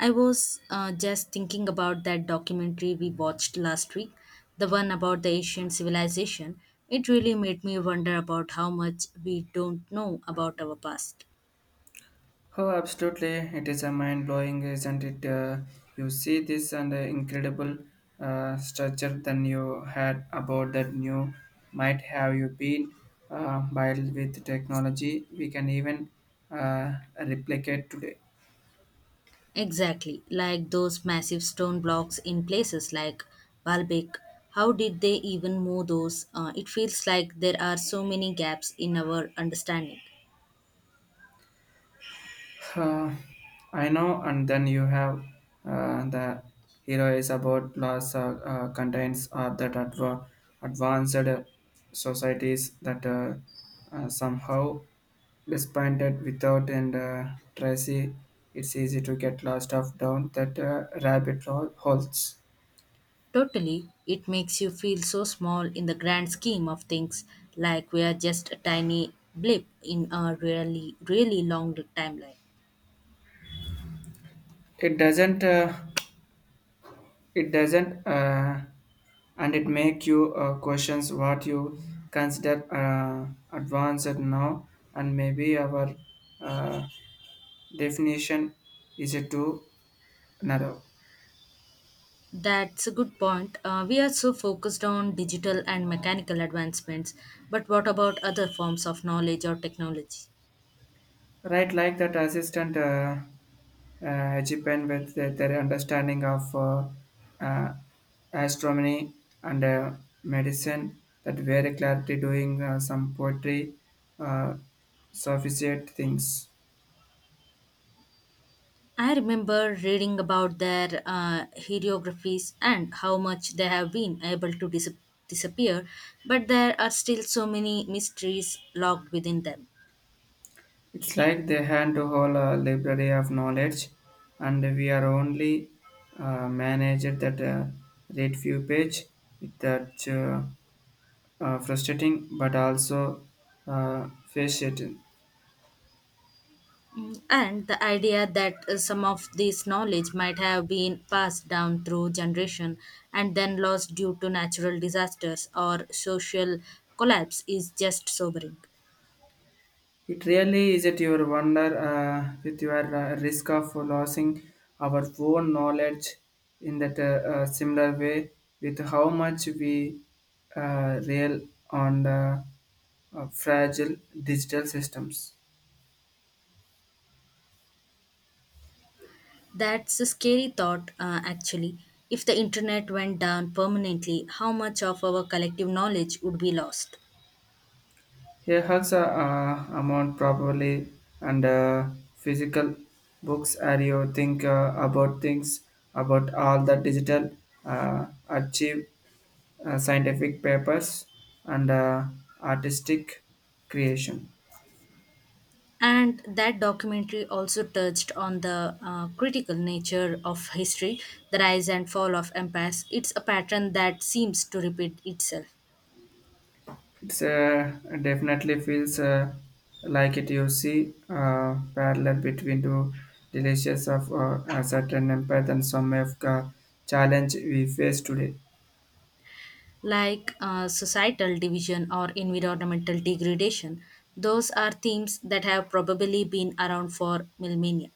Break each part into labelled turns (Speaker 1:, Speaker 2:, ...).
Speaker 1: I was just thinking about that documentary we watched last week, the one about the ancient civilization. It really made me wonder about how much we don't know about our past.
Speaker 2: Oh, absolutely. It is a mind blowing, isn't it? You see this and the incredible structure than you had about that new might have you been by with technology we can even uh, replicate today.
Speaker 1: Exactly, like those massive stone blocks in places like Baalbek. How did they even move those? It feels like there are so many gaps in our understanding.
Speaker 2: Uh, I know, and then you have the hero is about laws contains are that advanced societies that somehow disappointed without and tracy it's easy to get lost of down that rabbit hole holes
Speaker 1: Totally, it makes you feel so small in the grand scheme of things, like we are just a tiny blip in a really, really long timeline.
Speaker 2: it doesn't it doesn't, and it make you questions what you consider advanced now, and maybe our uh, definition is it too narrow.
Speaker 1: That's a good point. We are so focused on digital and mechanical advancements, but what about other forms of knowledge or technology?
Speaker 2: Right, like that assistant Japan with the, their understanding of uh, astronomy and medicine that very clarity doing some poetry, uh, sophisticated things.
Speaker 1: I remember reading about their hieroglyphs and how much they have been able to disappear, but there are still so many mysteries locked within them.
Speaker 2: It's like they hand to hold a library of knowledge, and we are only managed that read few page. That frustrating, but also fascinating.
Speaker 1: Mm, and the idea that some of this knowledge might have been passed down through generation and then lost due to natural disasters or social collapse is just sobering.
Speaker 2: It really is at your wonder with your risk of losing our own knowledge in that similar way with how much we rail on the fragile digital systems.
Speaker 1: That's a scary thought, actually. If the internet went down permanently, how much of our collective knowledge would be lost?
Speaker 2: He has a amount probably and physical books are you think about things about all the digital achieve scientific papers and artistic creation.
Speaker 1: And that documentary also touched on the critical nature of history, the rise and fall of empires. It's a pattern that seems to repeat itself.
Speaker 2: It's definitely feels like it you see parallel between two delicious of a certain empath and some of the challenge we face today.
Speaker 1: Like societal division or environmental degradation. Those are themes that have probably been around for millennia.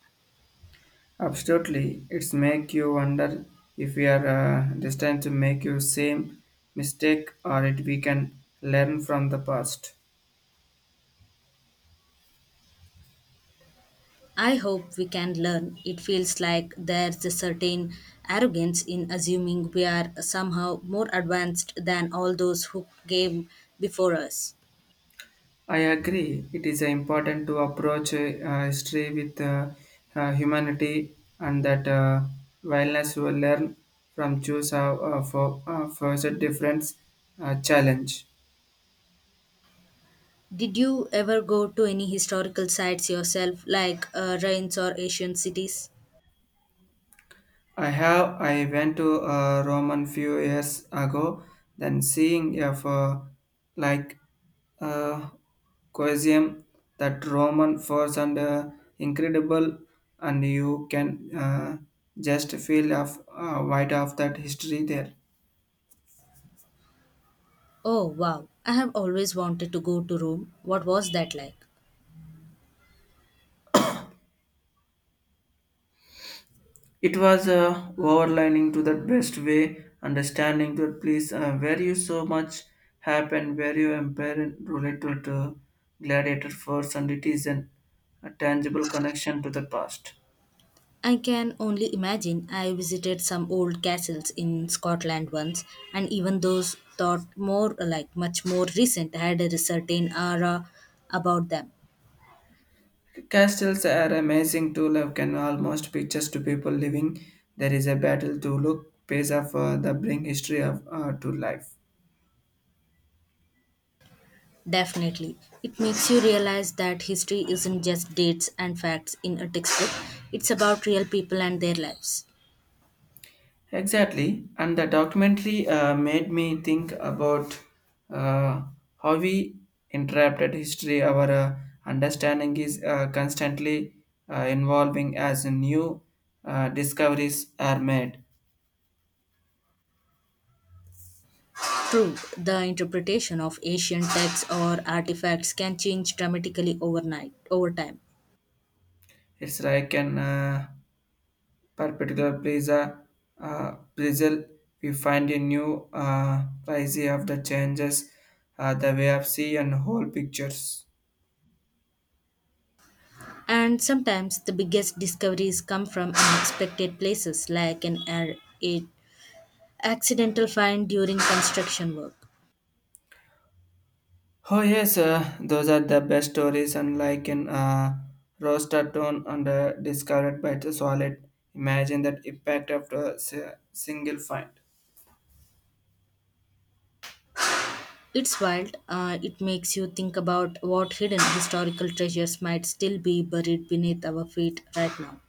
Speaker 2: Absolutely, it's make you wonder if we are destined to make you same mistake or if we can learn from the past.
Speaker 1: I hope we can learn. It feels like there's a certain arrogance in assuming we are somehow more advanced than all those who came before us.
Speaker 2: I agree. It is important to approach history with humanity and that wellness will learn from choose for the difference challenge.
Speaker 1: Did you ever go to any historical sites yourself, like ruins or ancient cities?
Speaker 2: I have. I went to Roman few years ago. Then seeing if like uh, Colosseum, that Roman force and incredible, and you can just feel of white of that history there.
Speaker 1: Oh wow, I have always wanted to go to Rome. What was that like?
Speaker 2: It was overlining to that best way, understanding that place where you so much happened, where you empire related to gladiator force and it is an, a tangible connection to the past.
Speaker 1: I can only imagine. I visited some old castles in Scotland once, and even those thought more like much more recent had a certain aura about them.
Speaker 2: Castles are amazing to love can almost pictures to people living. There is a battle to look, pays off the bring history of to life.
Speaker 1: Definitely. It makes you realize that history isn't just dates and facts in a textbook, it's about real people and their lives.
Speaker 2: Exactly, and the documentary made me think about uh, how we interpreted history. Our understanding is constantly evolving as new discoveries are made.
Speaker 1: True, the interpretation of ancient texts or artifacts can change dramatically overnight over time.
Speaker 2: It's like an perpendicular pizza puzzle. We find a new prize of the changes, the way of see and whole pictures.
Speaker 1: And sometimes the biggest discoveries come from unexpected places, like an air, a accidental find during construction work.
Speaker 2: Oh yes, those are the best stories, unlike in roaster tone and discovered by the solid. Imagine that impact after a single find.
Speaker 1: It's wild. It makes you think about what hidden historical treasures might still be buried beneath our feet right now.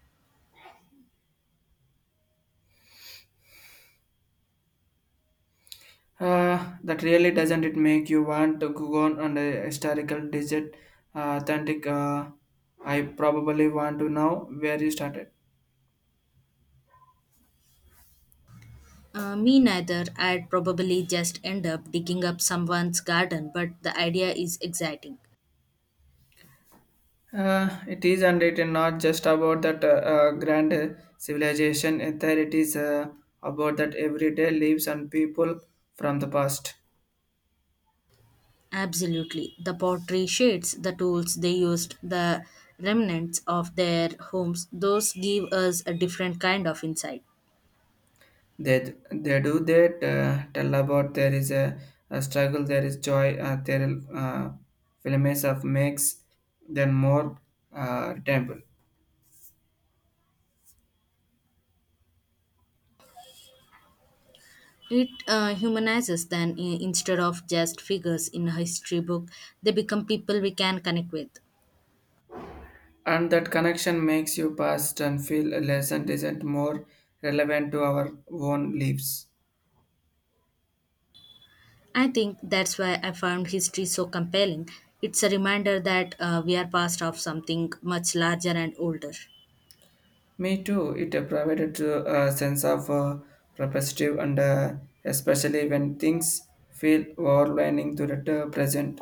Speaker 2: That really doesn't it make you want to go on a historical digit authentic I probably want to know where you started.
Speaker 1: Me neither. I'd probably just end up digging up someone's garden, but the idea is exciting.
Speaker 2: It is and it is not just about that grand civilization, there it is about that everyday lives and people from the past.
Speaker 1: Absolutely. The pottery shades, the tools they used, the remnants of their homes, those give us a different kind of insight.
Speaker 2: They do that tell about there is a struggle, there is joy, there uh, films of makes then more temple,
Speaker 1: It humanizes them instead of just figures in a history book. They become people we can connect with.
Speaker 2: and that connection makes you past and feel a lesson isn't more relevant to our own lives.
Speaker 1: I think that's why I found history so compelling. It's a reminder that we are part of something much larger and older.
Speaker 2: Me too. It provided to a sense of perspective and especially when things feel overwhelming to the present.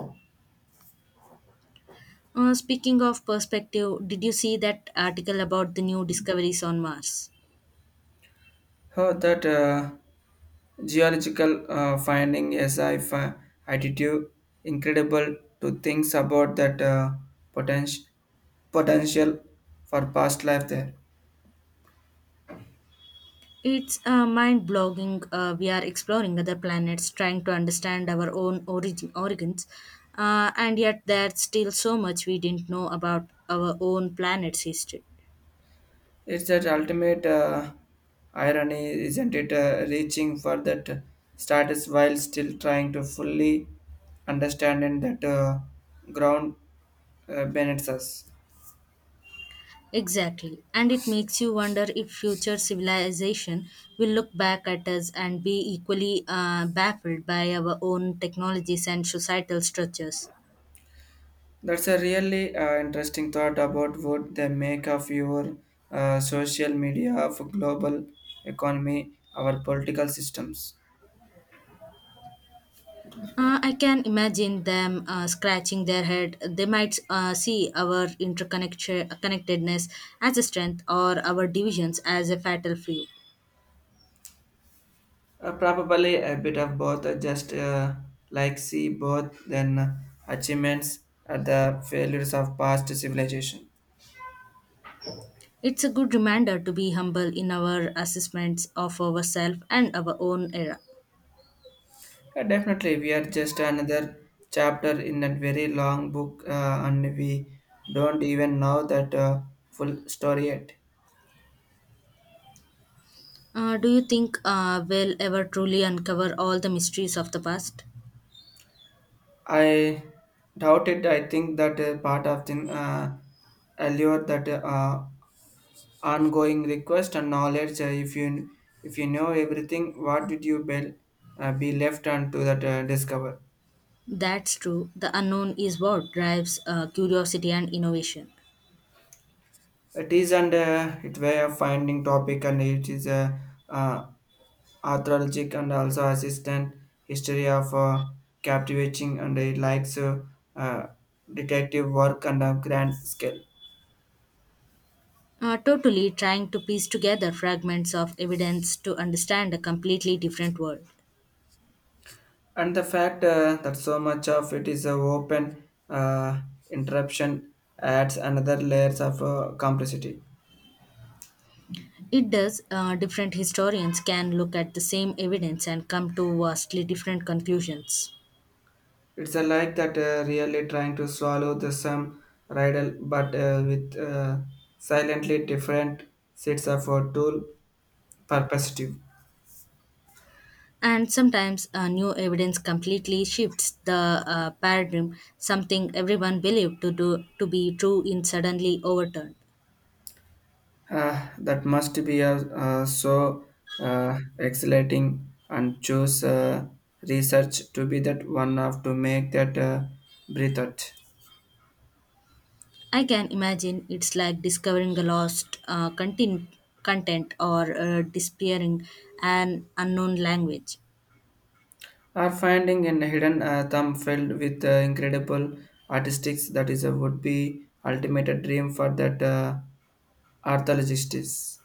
Speaker 1: Speaking of perspective, did you see that article about the new discoveries on Mars?
Speaker 2: Heard that geological finding as I attitude incredible to things about that potential potential for past life there.
Speaker 1: It's mind blogging. We are exploring other planets, trying to understand our own origins, and yet there's still so much we didn't know about our own planet's history.
Speaker 2: It's that ultimate irony, isn't it? Reaching for that status while still trying to fully understand and that ground benefits us.
Speaker 1: Exactly, and it makes you wonder if future civilization will look back at us and be equally baffled by our own technologies and societal structures.
Speaker 2: That's a really interesting thought about what they make of your social media of global economy, our political systems.
Speaker 1: I can imagine them scratching their head. They might see our interconnection connectedness as a strength or our divisions as a fatal flaw.
Speaker 2: Probably a bit of both, just like see both then achievements and the failures of past civilization.
Speaker 1: It's a good reminder to be humble in our assessments of ourselves and our own era.
Speaker 2: Definitely, we are just another chapter in a very long book, and we don't even know that full story yet.
Speaker 1: Do you think we'll ever truly uncover all the mysteries of the past?
Speaker 2: I doubt it. I think that part of the allure that ongoing request and knowledge. If you if you know everything, what did you be left and to that discover?
Speaker 1: That's true. The unknown is what drives curiosity and innovation.
Speaker 2: It is and it way of finding topic and it is a uh, uh, archaeologic and also assistant history of captivating and it likes uh, detective work and a grand scale.
Speaker 1: Totally trying to piece together fragments of evidence to understand a completely different world.
Speaker 2: And the fact that so much of it is a open uh, interruption adds another layers of complexity
Speaker 1: It does, different historians can look at the same evidence and come to vastly different conclusions.
Speaker 2: it's a like that really trying to swallow the same riddle but with silently different sets of tool perspective
Speaker 1: And sometimes new evidence completely shifts the paradigm, something everyone believed to be true in suddenly overturned.
Speaker 2: that must be a so exhilarating and choose research to be that one of to make that breathe out
Speaker 1: I can imagine it's like discovering a lost content or disappearing an unknown language.
Speaker 2: are finding in hidden thumb filled with incredible artistics that is a would be ultimate dream for that archaeologists.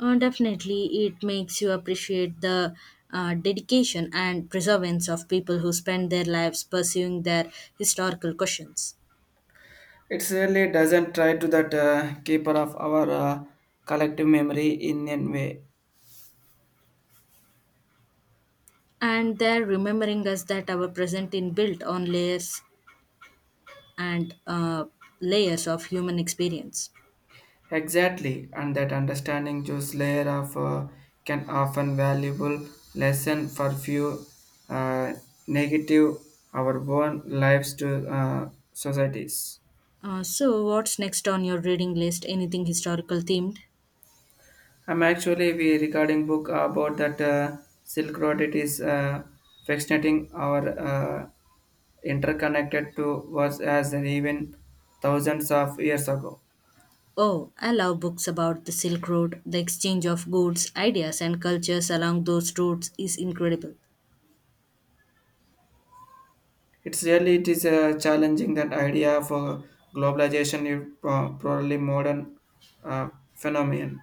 Speaker 1: Definitely, it makes you appreciate the dedication and perseverance of people who spend their lives pursuing their historical questions.
Speaker 2: It really doesn't try to that keeper of our collective memory in a way.
Speaker 1: And they're remembering us that our present is built on layers and layers of human experience.
Speaker 2: Exactly, and that understanding juice layer of can often valuable lesson for few uh, negative our own lives to societies.
Speaker 1: So, what's next on your reading list? Anything historical themed?
Speaker 2: I'm actually we regarding book about that Silk Road. It is fascinating our interconnected to was as an even thousands of years ago.
Speaker 1: Oh, I love books about the Silk Road. The exchange of goods, ideas, and cultures along those routes is incredible.
Speaker 2: It's really it is challenging that idea for globalization is probably modern uh, phenomenon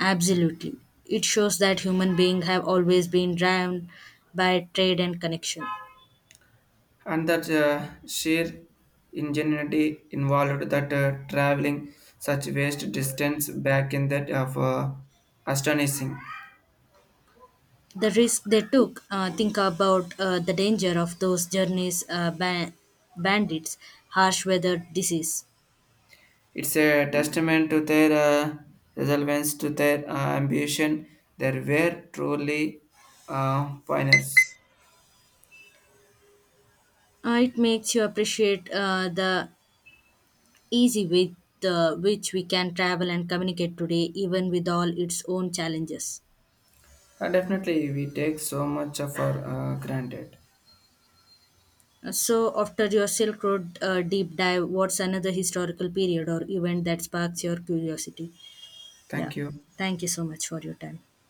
Speaker 1: Absolutely. It shows that human beings have always been driven by trade and connection.
Speaker 2: and that sheer ingenuity involved that traveling such vast distance back in that of astonishing.
Speaker 1: The risk they took, think about the danger of those journeys, bandits, harsh weather, disease.
Speaker 2: It's a testament to their resilience, to their ambition. They were truly pioneers.
Speaker 1: It makes you appreciate the easy with which we can travel and communicate today, even with all its own challenges.
Speaker 2: Definitely, we take so much of our granted.
Speaker 1: So after your Silk Road deep dive, what's another historical period or event that sparks your curiosity? Yeah.
Speaker 2: Thank you.
Speaker 1: Thank you so much for your time.